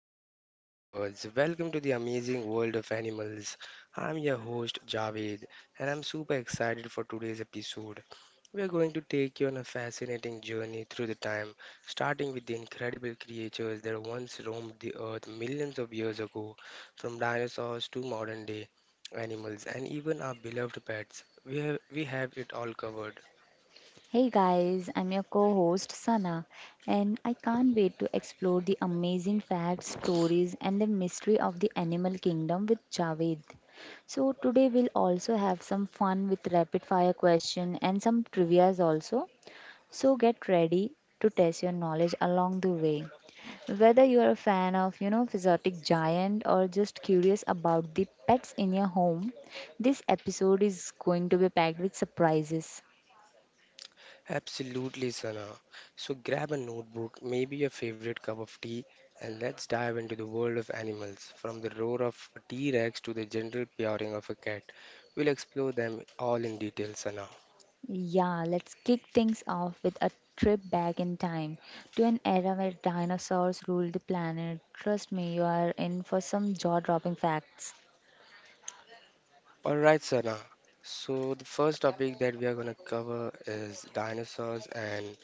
Hello, animal lovers. Welcome to the amazing world of animals. I'm your host, Javed, and I'm super excited for today's episode. We are going to take you on a fascinating journey through the time, starting with the incredible creatures that once roamed the earth millions of years ago, from dinosaurs to modern day animals and even our beloved pets. We have it all covered. Hey guys, I'm your co host Sana, and I can't wait to explore the amazing facts, stories, and the mystery of the animal kingdom with Javed. So today we'll also have some fun with rapid fire question and some trivias also. So get ready to test your knowledge along the way. Whether you are a fan of, physiotic giant or just curious about the pets in your home, this episode is going to be packed with surprises. Absolutely, Sana. So grab a notebook, maybe your favorite cup of tea, and let's dive into the world of animals, from the roar of a T-Rex to the gentle purring of a cat. We'll explore them all in detail, Sana. Yeah, let's kick things off with a trip back in time to an era where dinosaurs ruled the planet. Trust me, you are in for some jaw dropping facts. All right, Sana. So the first topic that we are going to cover is dinosaurs and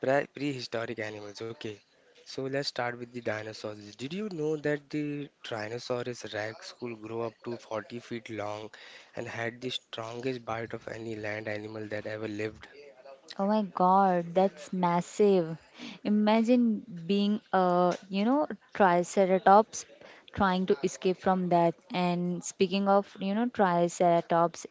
Prehistoric animals. Okay, so let's start with the dinosaurs. Did you know that the Tyrannosaurus rex could grow up to 40 feet long and had the strongest bite of any land animal that ever lived? Oh my god, that's massive. Imagine being a, triceratops trying to escape from that. And speaking of, triceratops,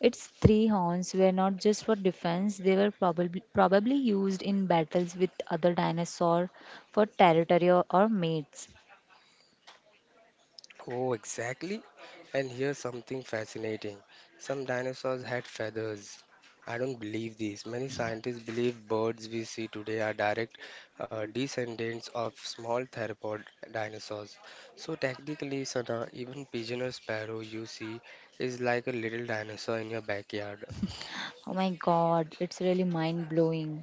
its three horns were not just for defense, they were probably used in battles with other dinosaur for territory or mates. Oh, exactly. And here's something fascinating. Some dinosaurs had feathers. I don't believe this. Many scientists believe birds we see today are direct descendants of small theropod dinosaurs. So technically, Sana, even pigeon or sparrow you see is like a little dinosaur in your backyard. Oh my god, it's really mind blowing.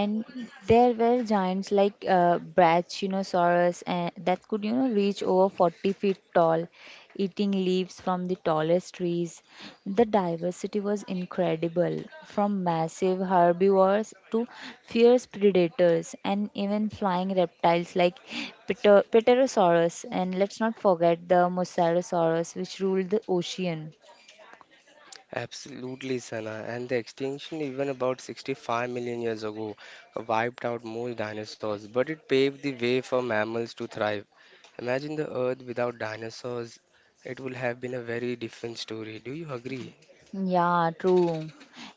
And there were giants like brachiosaurus and that could you know reach over 40 feet tall, eating leaves from the tallest trees. The diversity was incredible, from massive herbivores to fierce predators and even flying reptiles like pterosaurus. And let's not forget the mosasaurus, which ruled the ocean. Absolutely, Sana. And the extinction, even about 65 million years ago, wiped out most dinosaurs, but it paved the way for mammals to thrive. Imagine the Earth without dinosaurs. It would have been a very different story. Do you agree? Yeah, true.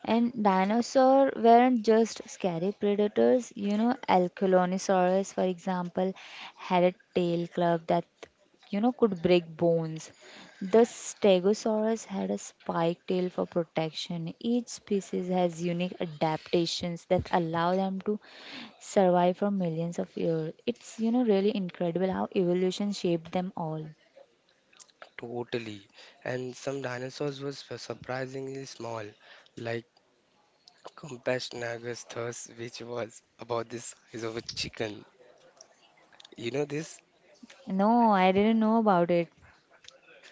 And dinosaurs weren't just scary predators. You know, Alkalosaurus, for example, had a tail club that, you know, could break bones. The Stegosaurus had a spike tail for protection. Each species has unique adaptations that allow them to survive for millions of years. It's, you know, really incredible how evolution shaped them all. Totally. And some dinosaurs were surprisingly small, like Compsognathus thurs, which was about the size of a chicken. You know this? No, I didn't know about it.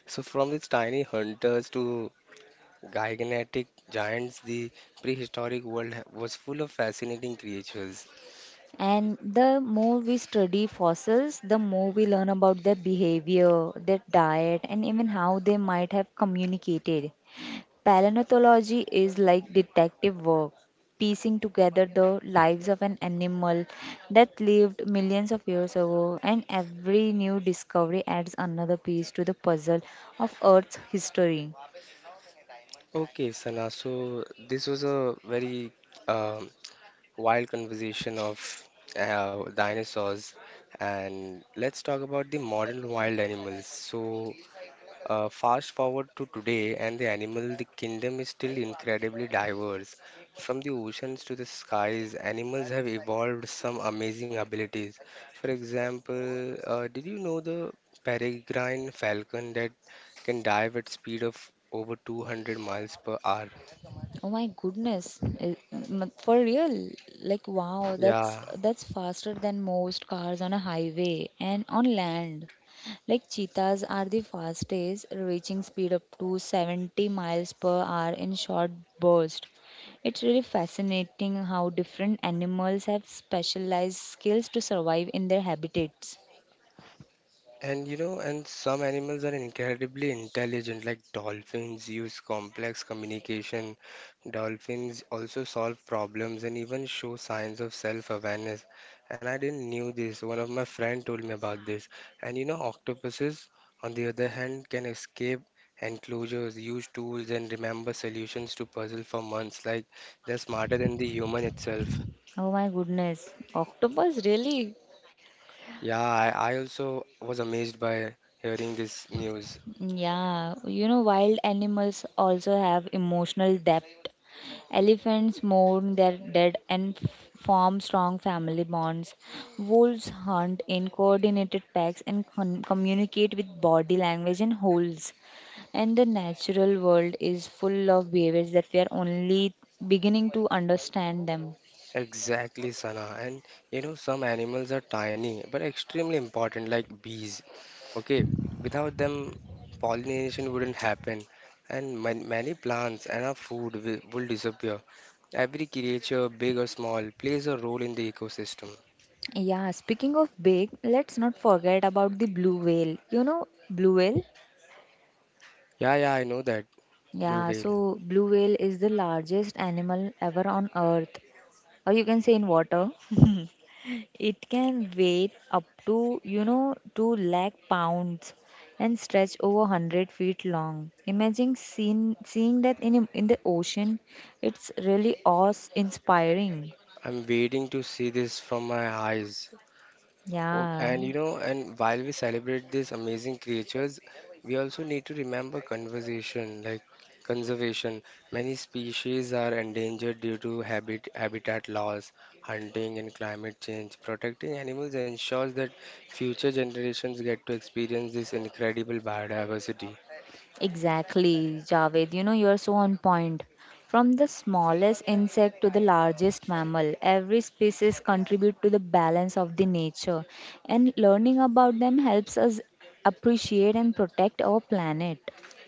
So from its tiny hunters to gigantic giants, the prehistoric world was full of fascinating creatures. And the more we study fossils, the more we learn about their behavior, their diet, and even how they might have communicated. Palinethology is like detective work, piecing together the lives of an animal that lived millions of years ago, and every new discovery adds another piece to the puzzle of Earth's history. Okay, Sana, so this was a very um, wild conversation of dinosaurs, and let's talk about the modern wild animals. So, fast forward to today, and the kingdom is still incredibly diverse. From the oceans to the skies, animals have evolved some amazing abilities. For example, did you know the peregrine falcon that can dive at speed of over 200 miles per hour? Oh my goodness. Eh, for real. Like wow, that's Yeah. that's faster than most cars on a highway and on land. Like cheetahs are the fastest, reaching speed up to 70 miles per hour in short bursts. It's really fascinating how different animals have specialized skills to survive in their habitats. And you know, and some animals are incredibly intelligent, like dolphins use complex communication. Dolphins also solve problems and even show signs of self-awareness. And I didn't knew this. One of my friend told me about this. And you know, octopuses, on the other hand, can escape enclosures, use tools, and remember solutions to puzzle for months. Like they're smarter than the human itself. Oh my goodness. Octopus, really? Yeah, I also was amazed by hearing this news. Mm. Yeah, you know, wild animals also have emotional depth. Elephants mourn their dead and form strong family bonds. Wolves hunt in coordinated packs and communicate with body language and howls. And the natural world is full of behaviors that we are only beginning to understand them. Exactly, Salah. And you know, some animals are tiny but extremely important, like bees. Okay, without them, pollination wouldn't happen, and many plants and our food will disappear. Every creature, big or small, plays a role in the ecosystem. Yeah, speaking of big, let's not forget about the blue whale. You know, blue whale? Yeah, yeah, I know that, blue Yeah, whale. so blue whale is the largest animal ever on earth, or you can say in water. It can weigh up to, you know, 2 lakh pounds and stretch over 100 feet long. Imagine seeing that in the ocean. It's really awe-inspiring. I'm waiting to see this from my eyes. Oh, Yeah, and you know, and while we celebrate these amazing creatures, we also need to remember conservation. Many species are endangered due to habitat loss, hunting, and climate change. Protecting animals ensures that future generations get to experience this incredible biodiversity. exactly, Javed. You know, you're so on point. From the smallest insect to the largest mammal, every species contribute to the balance of the nature, and learning about them helps us appreciate and protect our planet.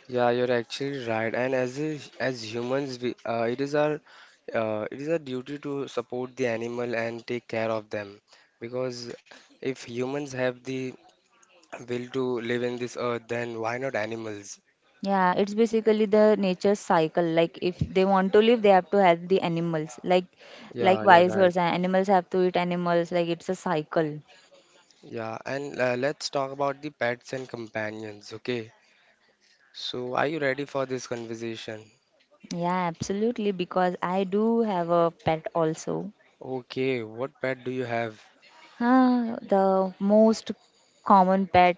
Yeah, you're actually right. And as humans, we it is our duty to support the animal and take care of them. Because if humans have the will to live in this earth, then why not animals? Yeah, it's basically the nature's cycle. Like if they want to live, they have to help the animals. Like Yeah, you're vice right. versa, animals have to eat animals. Like it's a cycle. Yeah, and let's talk about the pets and companions. Okay. So, are you ready for this conversation? Yeah, absolutely. Because I do have a pet also. Okay, what pet do you have? Ah, the most common pet,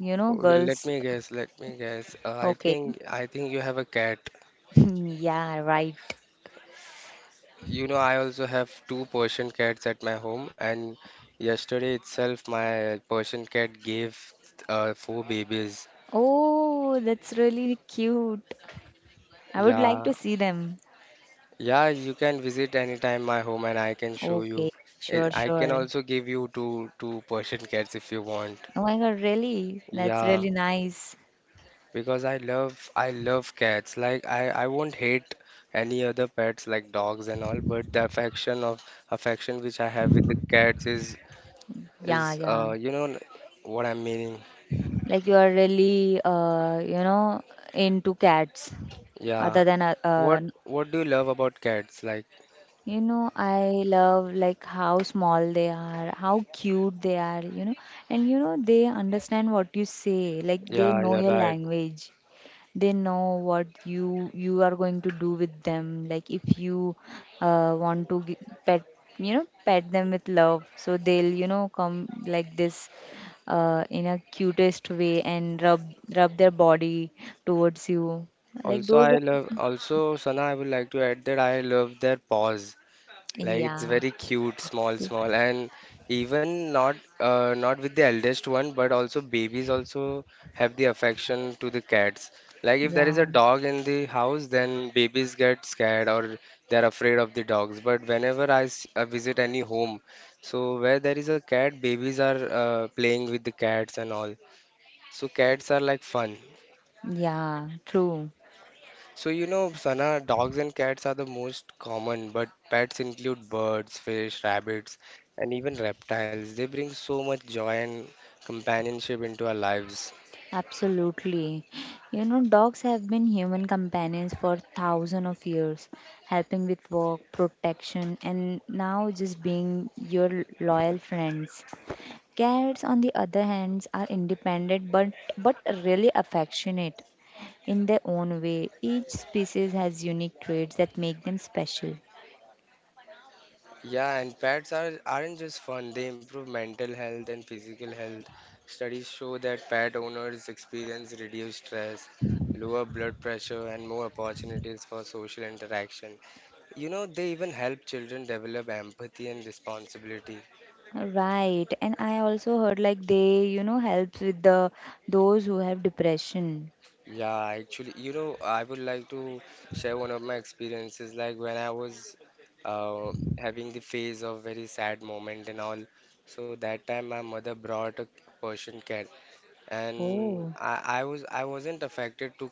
you know, Okay, let girls. me guess. Let me guess. I Okay. think I think you have a cat. Yeah, right. You know, I also have 2 Persian cats at my home, and yesterday itself, my Persian cat gave 4 babies. Oh, that's really cute. I would like Yeah, to see them. yeah, you can visit anytime my home, and I can show you. Okay, I sure, I can sure. also give you two Persian cats if you want. Oh my God, really? That's Yeah, really nice. because I love cats. Like I won't hate any other pets like dogs and all, but the affection which I have with the cats is Yeah, yeah. You know what I'm meaning. Like you are really, you know, into cats. Other Yeah. than, What do you love about cats? Like, you know, I love like how small they are, how cute they are, you know, and you know, they understand what you say. Like they yeah, know you're your right. language. They know what you are going to do with them, like if you want to pet, you know, pet them with love, so they'll you know come like this, in a cutest way and rub their body towards you, like Also, those I are, love also Sana, I would like to add that I love their paws. Like it's yeah, very cute, small, small, and even not with the eldest one, but also babies also have the affection to the cats. Like if there is a yeah, dog in the house, then babies get scared or they're afraid of the dogs. But whenever visit any home, so where there is a cat, babies are playing with the cats and all. So cats are like fun. yeah, true. So you know, Sana, dogs and cats are the most common, but pets include birds, fish, rabbits, and even reptiles. They bring so much joy and companionship into our lives. Absolutely. You know, dogs have been human companions for thousands of years, helping with work, protection, and now just being your loyal friends. Cats, on the other hand, are independent but really affectionate in their own way. Each species has unique traits that make them special. Yeah, and pets aren't just fun. They improve mental health and physical health. Studies show that pet owners experience reduced stress, lower blood pressure, and more opportunities for social interaction. You know, they even help children develop empathy and responsibility. Right, and I also heard like they, you know, helps with the those who have depression. Yeah, actually, you know, I would like to share one of my experiences. Like when I was uh, having the phase of very sad moment and all. So that time my mother brought a Persian cat, and Oh. I wasn't affected to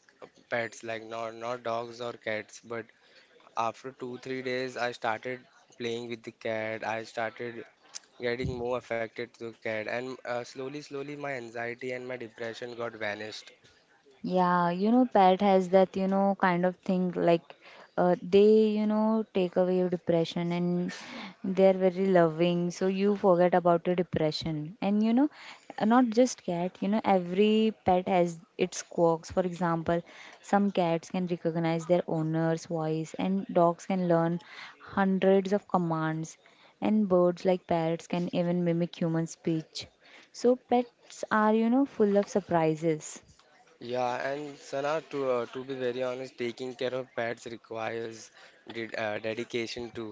pets like not dogs or cats. But after 2 3 days, I started playing with the cat. I started getting more affected to the cat, and slowly slowly my anxiety and my depression got vanished. Yeah, you know, pet has that, you know, kind of thing like they, you know, take away your depression and they're very loving. So you forget about your depression. And, you know, not just cat, you know, every pet has its quirks. For example, some cats can recognize their owner's voice, and dogs can learn 100s of commands. And birds like parrots can even mimic human speech. So pets are, you know, full of surprises. Yeah, and Sana, to be very honest, taking care of pets requires dedication to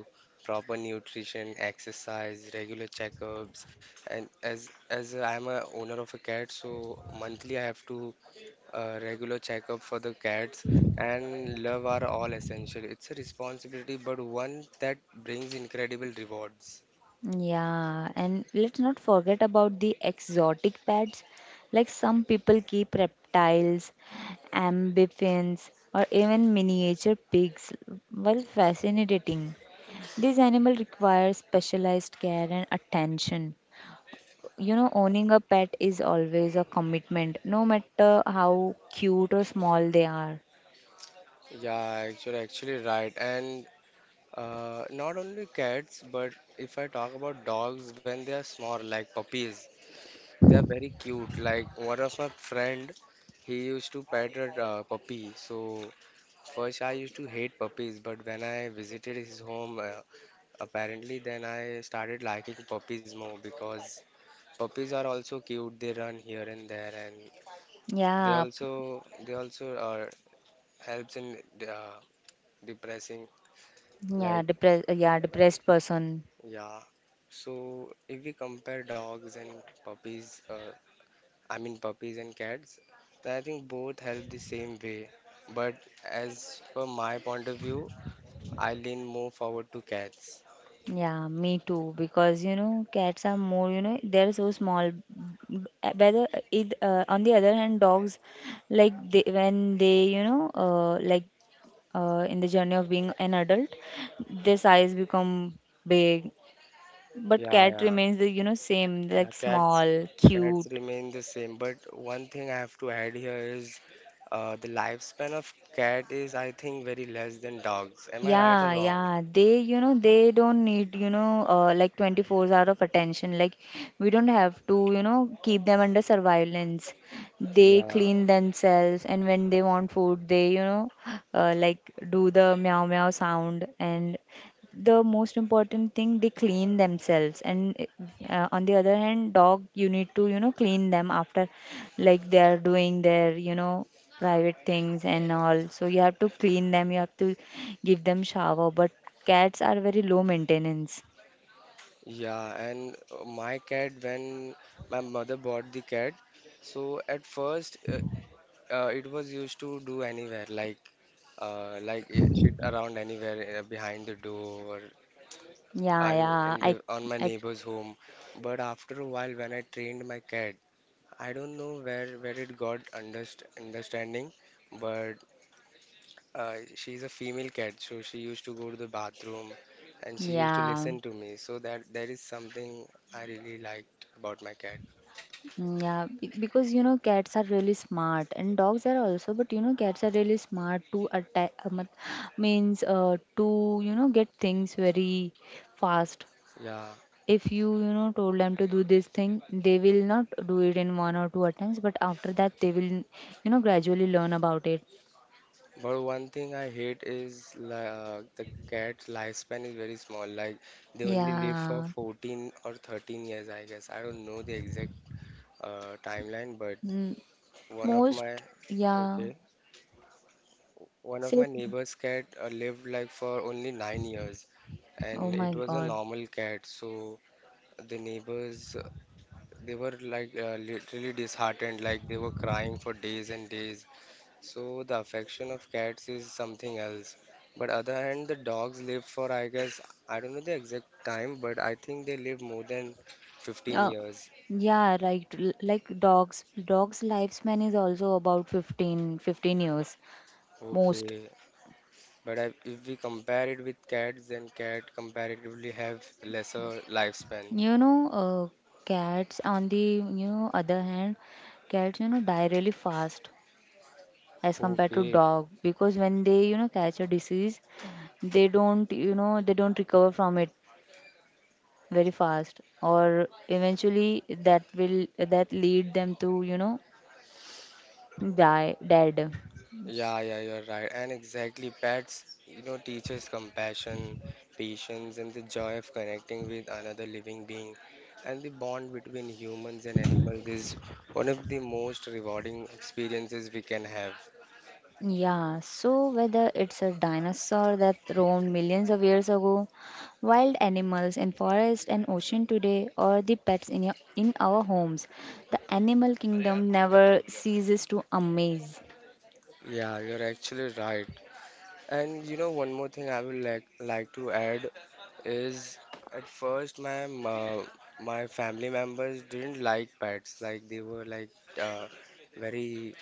proper nutrition, exercise, regular checkups, and as I'm a owner of a cat, so monthly I have to regular checkup for the cats, and love are all essential. It's a responsibility, but one that brings incredible rewards. Yeah, and let's not forget about the exotic pets. Like some people keep reptiles, amphibians, or even miniature pigs while fascinating. These animals require specialized care and attention. You know, owning a pet is always a commitment, no matter how cute or small they are. Yeah, actually right. And not only cats, but if I talk about dogs, when they are small, like puppies, they are very cute. Like one of my friend, he used to pet a puppy. So first I used to hate puppies, but when I visited his home, apparently then I started liking puppies more because puppies are also cute. They run here and there, and they Yeah, also they also uh, helps in uh, depressing like. Yeah, depressed person. Yeah. So if we compare dogs and puppies, I mean puppies and cats, then I think both help the same way. But as per my point of view, I lean more forward to cats. Yeah, me too. Because you know, cats are more, you know, they're so small. B- Whether it on the other hand, dogs, like they when they you know like in the journey of being an adult, their size become big. But Yeah, cat yeah, remains the you know same, yeah. like Cats, small, cats cute. remain the same. But one thing I have to add here is, the lifespan of cat is I think very less than dogs. Am I right or Yeah, wrong? yeah. They, you know, they don't need, you know, like 24 hours of attention. Like, we don't have to, you know, keep them under surveillance. They Yeah. clean themselves, and when they want food, they, you know, like do the meow meow sound, and the most important thing they clean themselves. And on the other hand, dog you need to you know clean them after, like they are doing their, you know, private things and all, so you have to clean them, you have to give them shower. But cats are very low maintenance. Yeah, and my cat, when my mother bought the cat, so at first it was used to do anywhere, like shit around anywhere behind the door Yeah, and yeah, in i, the, on my I neighbor's home. But after a while, when I trained my cat, I don't know where it got understanding, but she's a female cat, so she used to go to the bathroom and she used to yeah. listen to me. So that is something I really liked about my cat. Mm. Yeah, because you know cats are really smart and dogs are also, but you know cats are really smart to attack means to you know get things very fast. Yeah, If you you know told them to do this thing, they will not do it in one or two attempts, but after that they will you know gradually learn about it. but one thing I hate is the cat's lifespan is very small. Like they only live for Yeah. 14 or 13 years, I guess. I don't know the exact timeline, but Mm, one of most. my Yeah. okay, one of Say, my neighbor's cat lived like for only 9 years, oh and my it was a God. normal cat. So the neighbors they were like literally disheartened, like they were crying for days and days. So the affection of cats is something else. But other hand, the dogs live for, I guess, I don't know the exact time, but I think they live more than 15 Uh, years. yeah, right. Like dogs, dogs' lifespan is also about 15 years, most. Okay, but I, if we compare it with cats, then cat comparatively have lesser lifespan. You know, cats on the you know other hand, cats you know die really fast as compared to Okay. dog, because when they you know catch a disease, they don't you know they don't recover from it very fast, or eventually that will that lead them to you know die dead. Yeah, yeah, you're right. And exactly, pets, you know, teaches compassion, patience, and the joy of connecting with another living being. And the bond between humans and animals is one of the most rewarding experiences we can have. Yeah, so whether it's a dinosaur that roamed millions of years ago, wild animals in forest and ocean today, or the pets in, your, in our homes, the animal kingdom never ceases to amaze. Yeah, you're actually right. And you know, one more thing I would like to add is at first my family members didn't like pets. Like they were like uh, very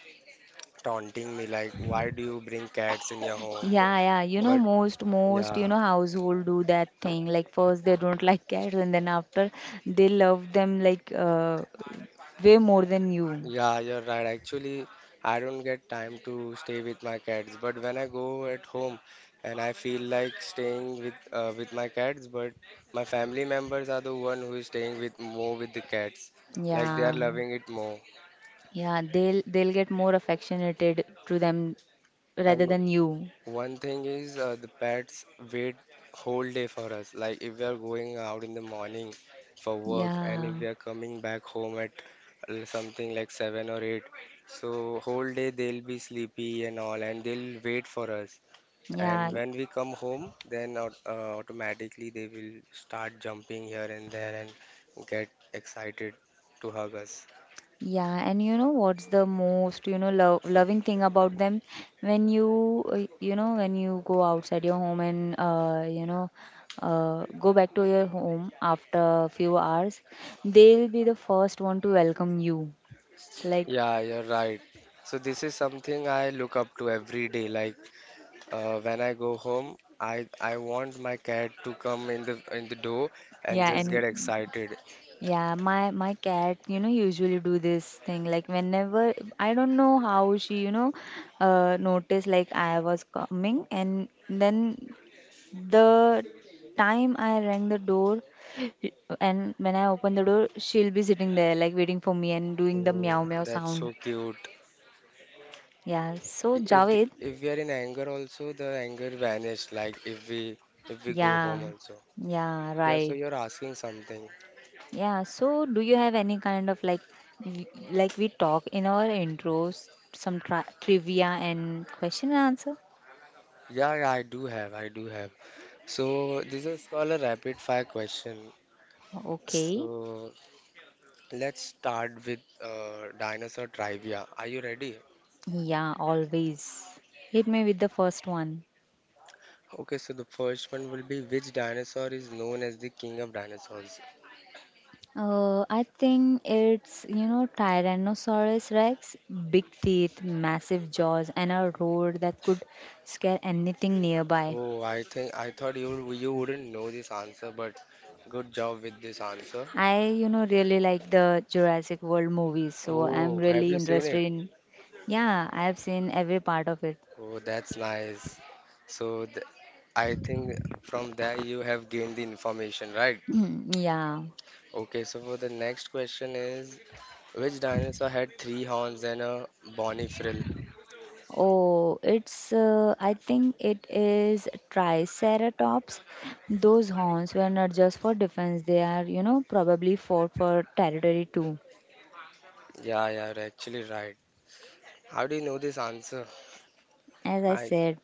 taunting me like, why do you bring cats in your home? Yeah, yeah, you know, But you yeah, know, household do that thing. Like, first they don't like cats, and then after they love them, like way more than you. yeah, you're right. Actually, I don't get time to stay with my cats. But when I go at home and I feel like staying with my cats, but my family members are the one who is staying with more with the cats. Like they are Yeah, loving it more. yeah, they'll get more affectionated to them rather And than you. one thing is the pets wait whole day for us. Like if we are going out in the morning for work and if Yeah, we are coming back home at something like 7 or 8, so whole day they'll be sleepy and all and they'll wait for us. And yeah, when we come home, then automatically they will start jumping here and there and get excited to hug us. yeah. And you know what's the most, you know, lo loving thing about them? When you, you know, when you go outside your home and, you know, go back to your home after a few hours, they'll be the first one to welcome you. Like, Yeah, you're right. So this is something I look up to every day. Like When I go home, I want my cat to come in the door and yeah, just get and excited. yeah, my cat, you know, usually do this thing. Like whenever I don't know how she, you know, noticed like I was coming, and then the time I rang the door, and when I open the door, she'll be sitting there, like waiting for me and doing the Oh, meow meow that's sound. so cute. Yeah. So, If Javed, if we are in anger also, the anger vanished. Like if we go yeah, home also. yeah, Yeah. So right. you're asking something. Yeah. So, do you have any kind of like, like we talk in our intros, some trivia and question and answer? Yeah, yeah, I do have. I do have. So this is called a rapid fire question. Okay. So let's start with dinosaur trivia. Are you ready? Yeah, always. Hit me with the first one. Okay, so the first one will be, which dinosaur is known as the king of dinosaurs? I think it's, you know, Tyrannosaurus Rex, big teeth, massive jaws, and a roar that could scare anything nearby. Oh, I think I thought you wouldn't know this answer, but good job with this answer. I, you know, really like the Jurassic World movies, so I'm Oh, have really you seen interested it? in. Yeah, I've seen every part of it. Oh, that's nice. So th I think from that you have gained the information, right? Yeah. Okay, so for the next question is, which dinosaur had three horns and a bony frill? Oh, it's, I think it is Triceratops. Those horns were not just for defense, they are, you know, probably fought for territory too. Yeah, yeah, you're actually right. How do you know this answer? As I I said,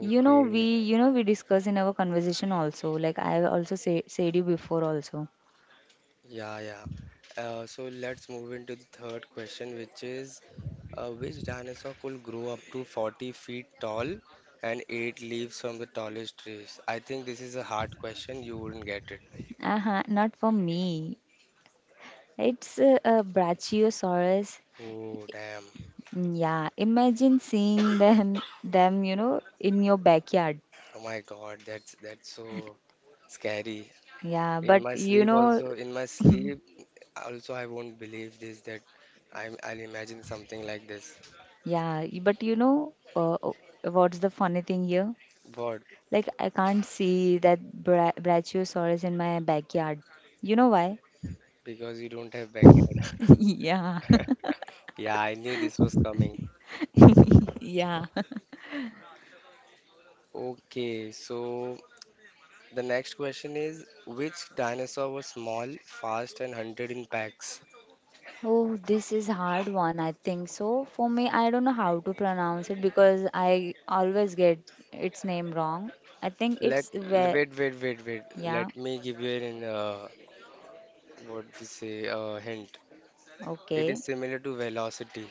you know we you know we discuss in our conversation also, like I also said you before also. Yeah, yeah. So let's move into the third question, which is which dinosaur could grow up to 40 feet tall and eight leaves from the tallest trees? I think this is a hard question. You wouldn't get it. Uh-huh. Not for me. It's a Brachiosaurus. Oh, damn. Mm, yeah, imagine seeing them in your backyard. Oh my God, that's so scary. Yeah, In but my you sleep know. also, in my sleep also, I won't believe this that I'll imagine something like this. Yeah, but what's the funny thing here? What? Like, I can't see that Brachiosaurus in my backyard. You know why? Because you don't have backyard. Yeah. Yeah, I knew this was coming. Yeah. Okay, so the next question is, which dinosaur was small, fast, and hunted in packs? Oh, this is hard one, I think. So for me, I don't know how to pronounce it because I always get its name wrong. I think Let it's ve. wait, wait, wait, wait. Yeah. Let me give you an what we say a hint. It Okay. is similar to velocity.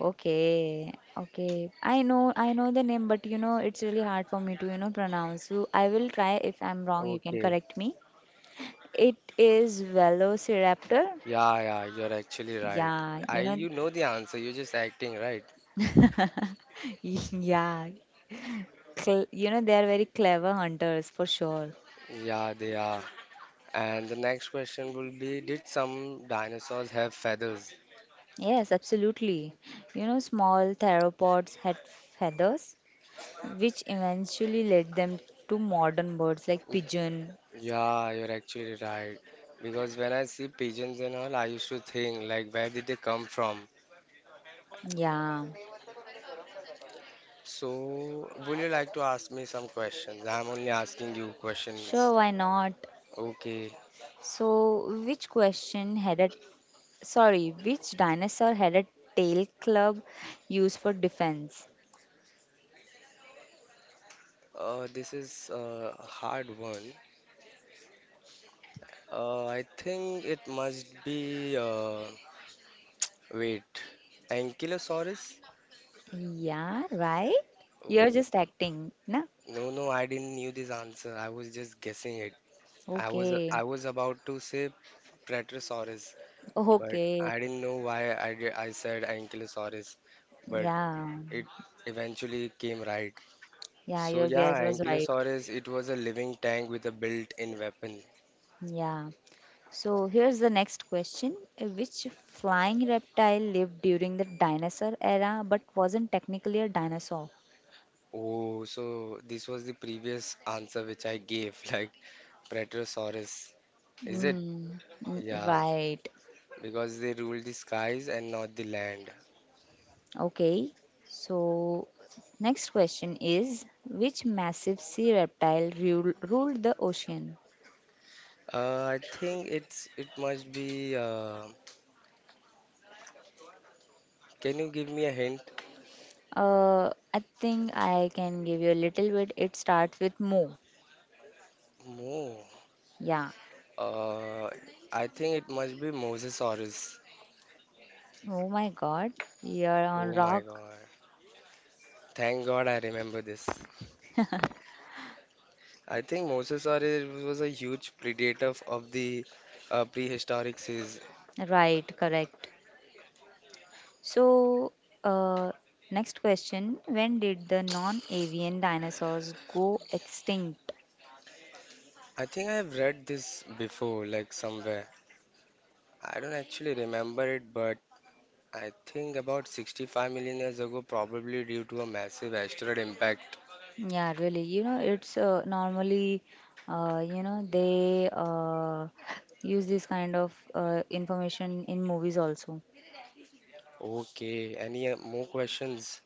Okay. Okay. I know the name, but it's really hard for me to, you know, pronounce. So I will try. If I'm wrong, you can Okay. correct me. It is Velociraptor. Yeah, yeah, you're actually right. Yeah, I you know. you know the answer. You're just acting right. Yeah. You know, they are very clever hunters for sure. Yeah, they are. And the next question will be, did some dinosaurs have feathers? Yes, absolutely. You know, small theropods had feathers, which eventually led them to modern birds like pigeon. Yeah, you're actually right. Because when I see pigeons and all, I used to think like, where did they come from? Yeah, So, would you like to ask me some questions? I'm only asking you questions. sure, why not? Okay. So, which dinosaur had a tail club used for defense? This is a hard one. I think it must be wait, Ankylosaurus? Yeah, right? You're Oh, just acting, na? no, no, I didn't knew this answer. I was just guessing it. Okay, I was about to say Platyrosaurus, but okay. I didn't know why I did, I said Ankylosaurus, but Yeah, it eventually came right. yeah, So your guess yeah, was right. Ankylosaurus, it was a living tank with a built-in weapon. Yeah. So here's the next question. Which flying reptile lived during the dinosaur era but wasn't technically a dinosaur? Oh, so this was the previous answer which I gave, like Preterosaurus, is it? Mm, mm, Yeah, right. because they ruled the skies and not the land. Okay. So next question is which massive sea reptile ruled the ocean? I think it must be. Can you give me a hint? I think I can give you a little bit. It starts with Mo. Mo. Yeah. Uh, I think it must be Mosasaurus. Oh my God. You're on Oh my rock. God. Thank God I remember this. I think Mosasaurus was a huge predator of the prehistoric seas. Right. Correct. So, uh, next question, when did the non avian dinosaurs go extinct? I think I have read this before, like somewhere. I don't actually remember it, but I think about 65 million years ago, probably due to a massive asteroid impact. Yeah, really. You know, it's normally, they use this kind of information in movies also. Okay, any more questions?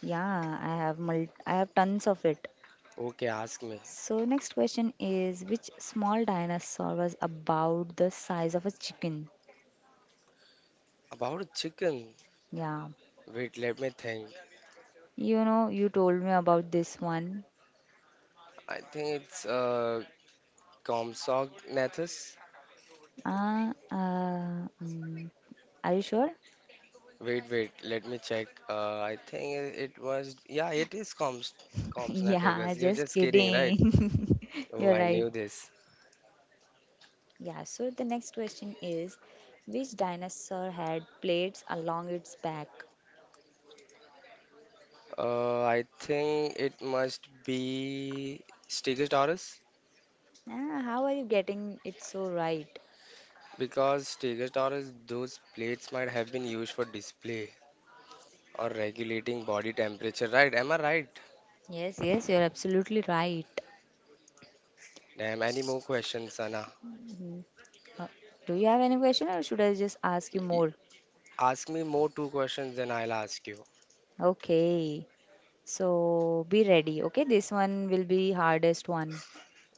Yeah, I have I have tons of it. Okay, ask me. So next question is which small dinosaur was about the size of a chicken? About a chicken. Yeah. Wait, let me think. You know, you told me about this one. I think it's Compsognathus. Uh, uh, mm, are you sure? Wait, wait, let me check. I think it was, yeah, it is Comps, Comps Yeah, Nathagas. You're just just kidding, right? kidding. Oh, You're I right. knew this. Yeah, so the next question is which dinosaur had plates along its back? I think it must be Stegosaurus, Ah, how are you getting it so right? because Stegosaurus, those plates might have been used for display or regulating body temperature, right? Am I right? Yes, yes, you're absolutely right. Damn, any more questions, Sana? Uh, do you have any question or should I just ask you Y- more? Ask me more two questions, then I'll ask you. Okay, so be ready. Okay, this one will be hardest one.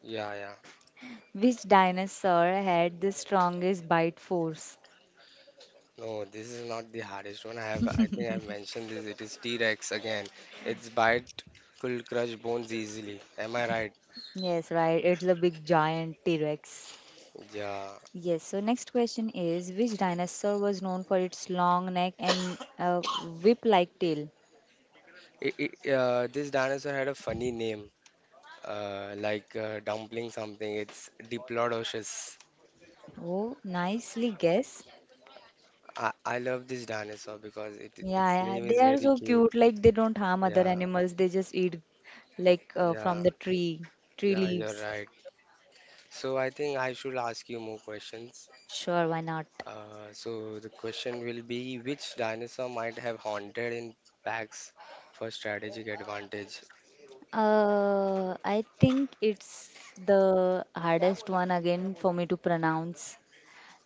Yeah, yeah. Which dinosaur had the strongest bite force? No, this is not the hardest one. I think I've mentioned this. It is T-Rex again. Its bite could crush bones easily. Am I right? Yes, right. It's a big giant T Rex. Yeah. Yes, so next question is which dinosaur was known for its long neck and whip like tail? This dinosaur had a funny name, like dumpling something. It's Diplodocus. Oh, nicely guess. I love this dinosaur because it Yeah, its yeah, name they is are very so cute. cute. Like, they don't harm other Yeah, animals. They just eat like from yeah, the tree yeah. You're leaves. right. So I think I should ask you more questions. Sure, why not? So the question will be, which dinosaur might have haunted in packs for strategic advantage? I think it's the hardest one again for me to pronounce.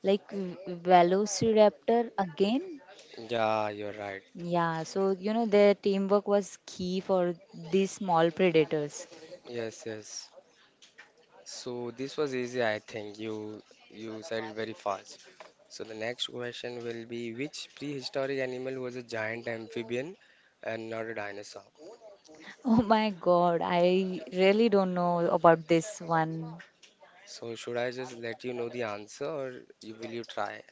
Like, Velociraptor again? Yeah, you're right. Yeah, so their teamwork was key for these small predators. Yes, yes. So this was easy, I think. You said it very fast. So the next question will be, which prehistoric animal was a giant amphibian and not a dinosaur? Oh my God, I really don't know about this one. So should I just let you know the answer, or you, will you try?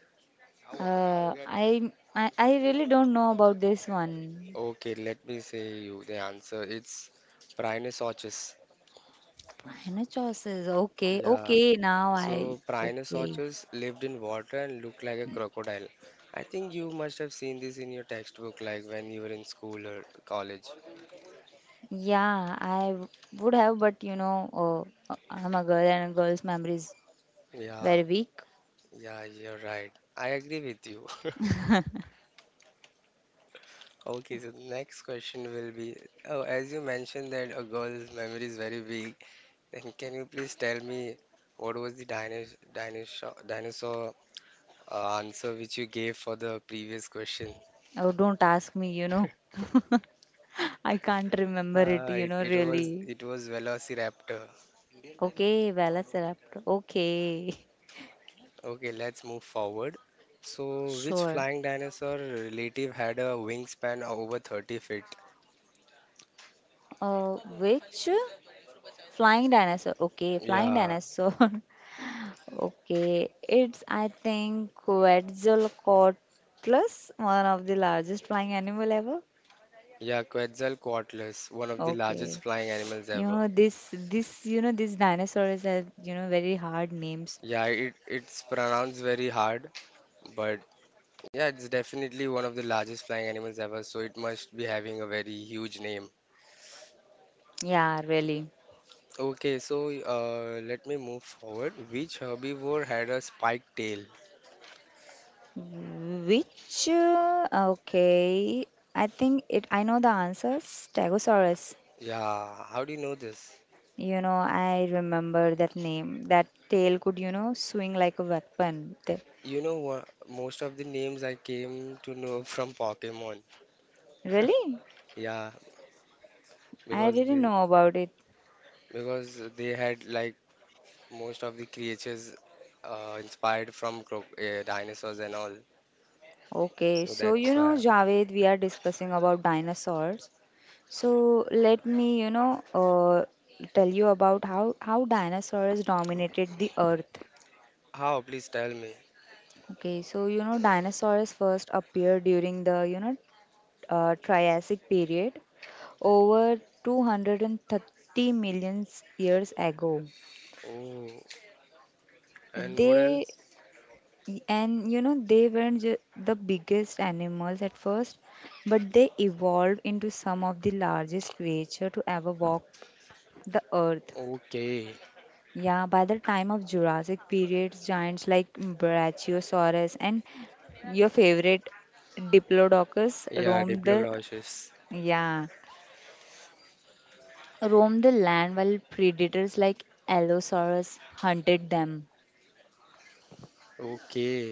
I really don't know about this one. Okay, let me say you the answer. It's Rhinoceros. Rhinoceroses. Okay, Yeah, okay. Now I so, Okay. Prinosaurus lived in water and looked like a crocodile. I think you must have seen this in your textbook, like when you were in school or college. Yeah, I would have, but I'm a girl and a girl's memory is Yeah, very weak. yeah, you're right. I agree with you. Okay, so the next question will be, oh, as you mentioned that a girl's memory is very weak, then can you please tell me, what was the dinosaur answer which you gave for the previous question? Oh, don't ask me. You know, I can't remember it. You know, really. It was Velociraptor. Okay, Velociraptor. Okay. Okay, let's move forward. So, which Sure. flying dinosaur relative had a wingspan of over 30 feet? Which flying dinosaur? Okay, flying Yeah, dinosaur. Okay, it's I think Quetzalcoatlus, one of the largest flying animal ever. yeah, Quetzalcoatlus, one of the largest Okay, flying animals you ever. know, these dinosaurs have very hard names. Yeah, it it's pronounced very hard, but yeah, it's definitely one of the largest flying animals ever, so it must be having a very huge name. Yeah, really. Okay, so let me move forward. Which herbivore had a spiked tail? Which okay, I think it I know the answer. Stegosaurus. Yeah, how do you know this? You know, I remember that name. That tail could, you know, swing like a weapon. You know what? Most of the names I came to know from Pokemon. Really? Yeah, I because didn't they know about it. Had like most of the creatures inspired from cro dinosaurs and all. Okay, So so you that's know, why. Javed, we are discussing about dinosaurs. So let me, you know, tell you about how dinosaurs dominated the earth. How? Please tell me. Okay, so you know, dinosaurs first appeared during the, you know, Triassic period over 230 million years ago. Oh, and what They else? And you know they weren't the biggest animals at first, but they evolved into some of the largest creature to ever walk the earth. Okay. Yeah, by the time of Jurassic periods, giants like Brachiosaurus and your favorite Diplodocus Yeah, roamed the Diplodocus. yeah, roamed the land while predators like Allosaurus hunted them. Okay.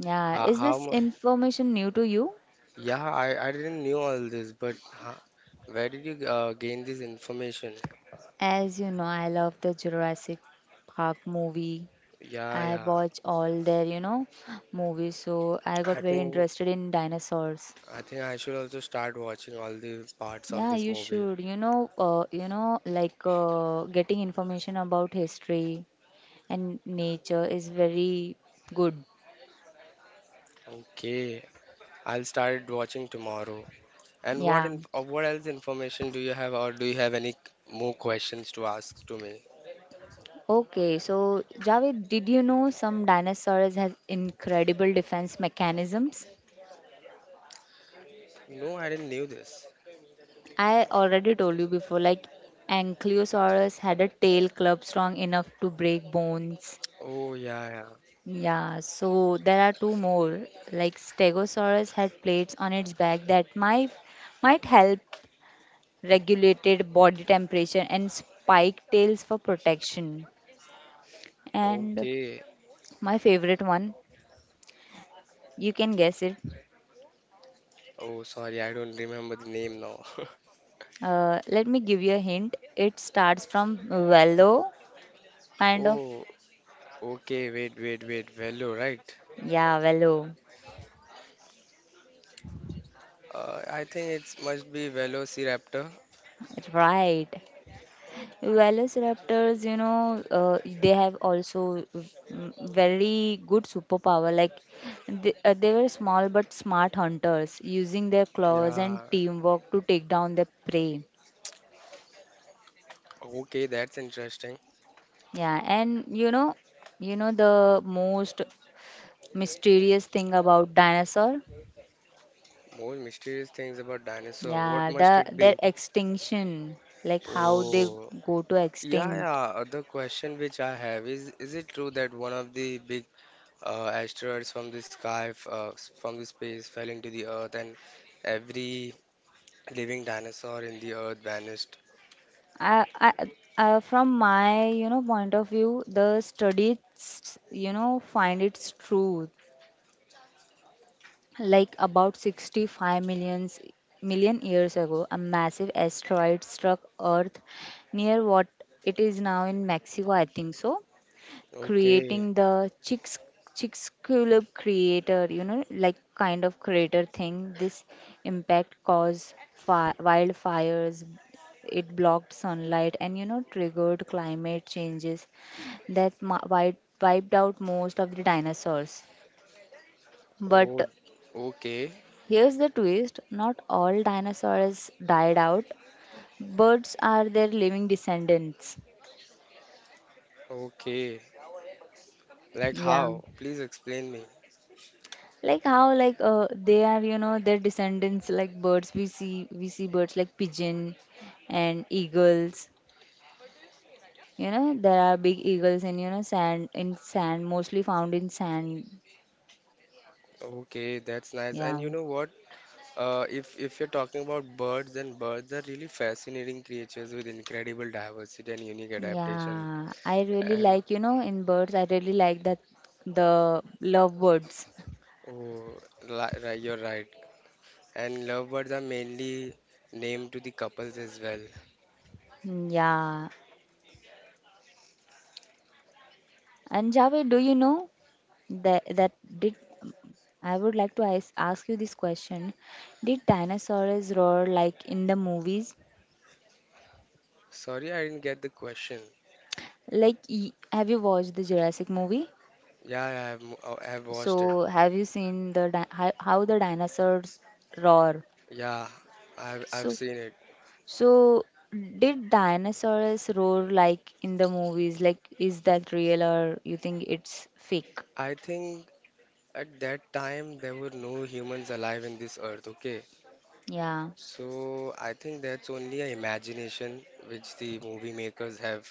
Yeah, How, is how this mu- information new to you? Yeah, I didn't knew all this, but where did you gain this information? As you know, I love the Jurassic Park movie. Yeah, I yeah. watch all their, you know, movies, so I got I very think interested in dinosaurs. I think I should also start watching all the parts of Yeah, this you movie. should, you know, getting information about history and nature is very good. Okay, I'll start watching tomorrow. And what Yeah. in what else information do you have, or do you have any more questions to ask to me? Okay, so Javed, did you know some dinosaurs has incredible defense mechanisms? No, I didn't knew this. I already told you before, like Ankylosaurus had a tail club strong enough to break bones. Oh yeah, yeah. Yeah, so there are two more. Like Stegosaurus had plates on its back that might help regulated body temperature and spike tails for protection. And Okay. my favorite one, you can guess it. Oh, sorry, I don't remember the name now. Let me give you a hint. It starts from velo, kind of. Oh, okay. Wait, wait, wait. Velo, right? Yeah, velo. I think it must be Velociraptor. Right. Velociraptors, you know, they have also very good superpower. Like they were small but smart hunters, using their claws and Yeah. teamwork to take down their prey. Okay, that's interesting. Yeah, and you know the most mysterious thing about dinosaur? More mysterious things about dinosaur. What Yeah, must it their be? extinction, like how they Oh, go to yeah, yeah. extinct. The question which I have is it true that one of the big asteroids from the sky, from the space, fell into the Earth and every living dinosaur in the Earth vanished? I, I, from my, you know, point of view, the studies, you know, find its truth. Like about 65 million years ago, a massive asteroid struck Earth near what it is now in Mexico, I think so, Okay. creating the chicks club creator, you know, like kind of creator thing. This impact caused wildfires. It blocked sunlight and, you know, triggered climate changes that wiped out most of the dinosaurs. But Oh, okay. here's the twist, not all dinosaurs died out. Birds are their living descendants. Okay. Like Yeah, how? Please explain me. like how? Like, they are, you know, their descendants, like birds. We see birds like pigeon and eagles. You know, there are big eagles in, you know, sand, in sand, mostly found in sand. Okay, that's nice. And Yeah you know what? If you're talking about birds, then birds are really fascinating creatures with incredible diversity and unique adaptation. yeah I really And like you know in birds I really like that the lovebirds oh, right, you're right. And lovebirds are mainly named to the couples as well. Mm, yeah. And Javed, do you know that that did I would like to ask you this question, did dinosaurs roar like in the movies? Sorry, I didn't get the question. Like, have you watched the Jurassic movie? Yeah, I have watched it. So, have you seen how, the dinosaurs roar? Yeah, I've So, seen it. so did dinosaurs roar like in the movies? Like, is that real or you think it's fake? I think at that time there were no humans alive in this earth, okay? Yeah, So I think that's only a imagination which the movie makers have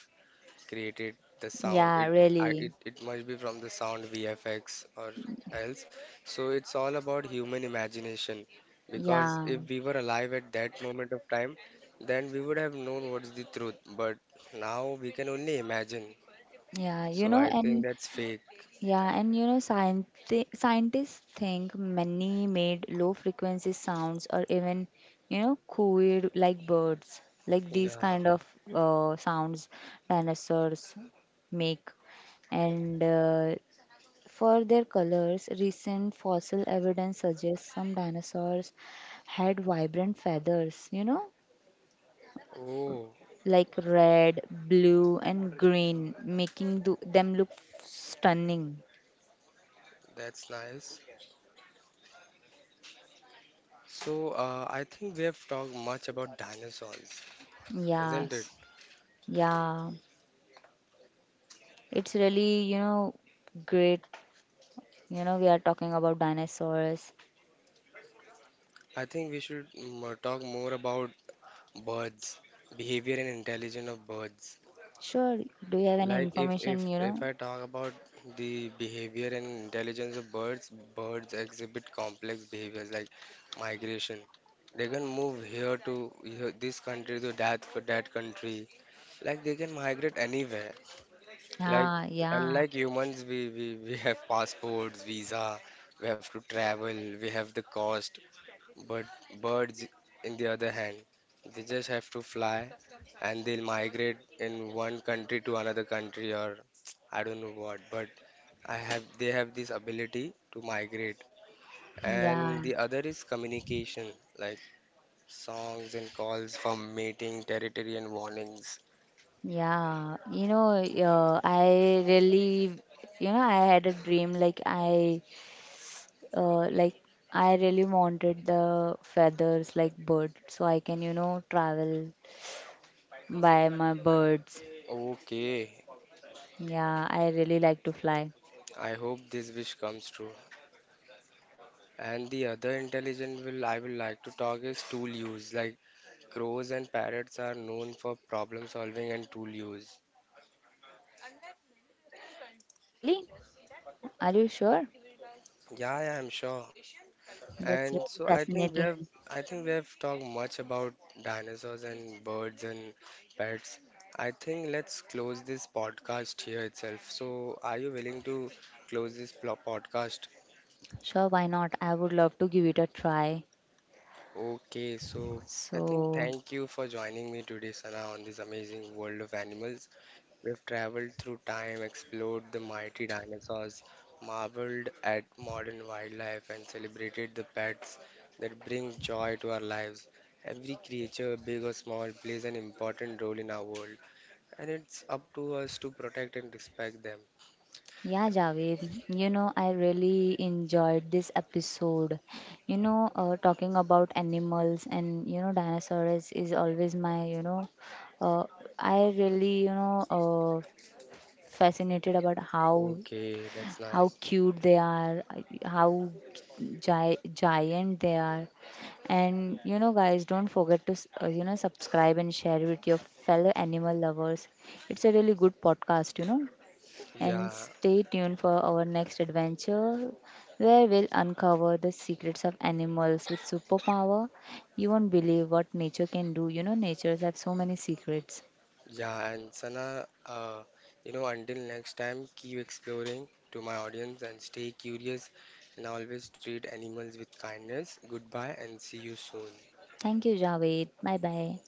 created the sound yeah, it. Really, It must be from the sound vfx or else, so it's all about human imagination, because yeah, if we were alive at that moment of time then we would have known what's the truth, but now we can only imagine, yeah. You so know, I think and. that's fake. Yeah, and you know, scientists think many made low frequency sounds or even, you know, cooed like birds, like these Yeah, kind of sounds dinosaurs make. And for their colors, recent fossil evidence suggests some dinosaurs had vibrant feathers, you know, oh, like red, blue, and green, making them look stunning. that's nice. So I think we have talked much about dinosaurs, Yeah. isn't it? Yeah, it's really, you know, great. You know, we are talking about dinosaurs. I think we should talk more about birds, behavior and intelligence of birds. Sure, do you have any Like information, you if know? I talk about the behavior and intelligence of birds, birds exhibit complex behaviors like migration. They can move here to here, this country to that for that country. Like they can migrate anywhere. Like Yeah, yeah, unlike humans, we have passports, visa. We have to travel. We have the cost. But birds, in the other hand, they just have to fly and they'll migrate in one country to another country or I don't know what. But I have they have this ability to migrate. And yeah, the other is communication, like songs and calls for mating, territory and warnings. yeah. You know, I really, you know, I had a dream like uh, like I really wanted the feathers like bird, so I can, you know, travel by my birds. Okay, Yeah, I really like to fly. I hope this wish comes true. And the other intelligent will I will like to talk is tool use, like crows and parrots are known for problem solving and tool use. Really? Are you sure? Yeah, yeah, I'm sure. That's And really so fascinating. I think we have talked much about dinosaurs and birds and pets. I think let's close this podcast here itself. So are you willing to close this podcast? Sure, why not? I would love to give it a try. Okay, so I think So, thank you for joining me today, Sana, on this amazing world of animals. We've traveled through time, explored the mighty dinosaurs, marveled at modern wildlife, and celebrated the pets that brings joy to our lives. Every creature, big or small, plays an important role in our world, and it's up to us to protect and respect them. yeah, Javed, you know, I really enjoyed this episode. You know, talking about animals and, you know, dinosaurs is always my, you know, uh, I really, you know, fascinated about how Okay, that's how nice. cute they are, how giant they are. And you know, guys, don't forget to subscribe and share with your fellow animal lovers. It's a really good podcast, you know. And Yeah, stay tuned for our next adventure, where we'll uncover the secrets of animals with superpower. You won't believe what nature can do. You know, natures have so many secrets. yeah, and Sana, you know, until next time, keep exploring to my audience and stay curious, Thank you, Javed. Bye bye.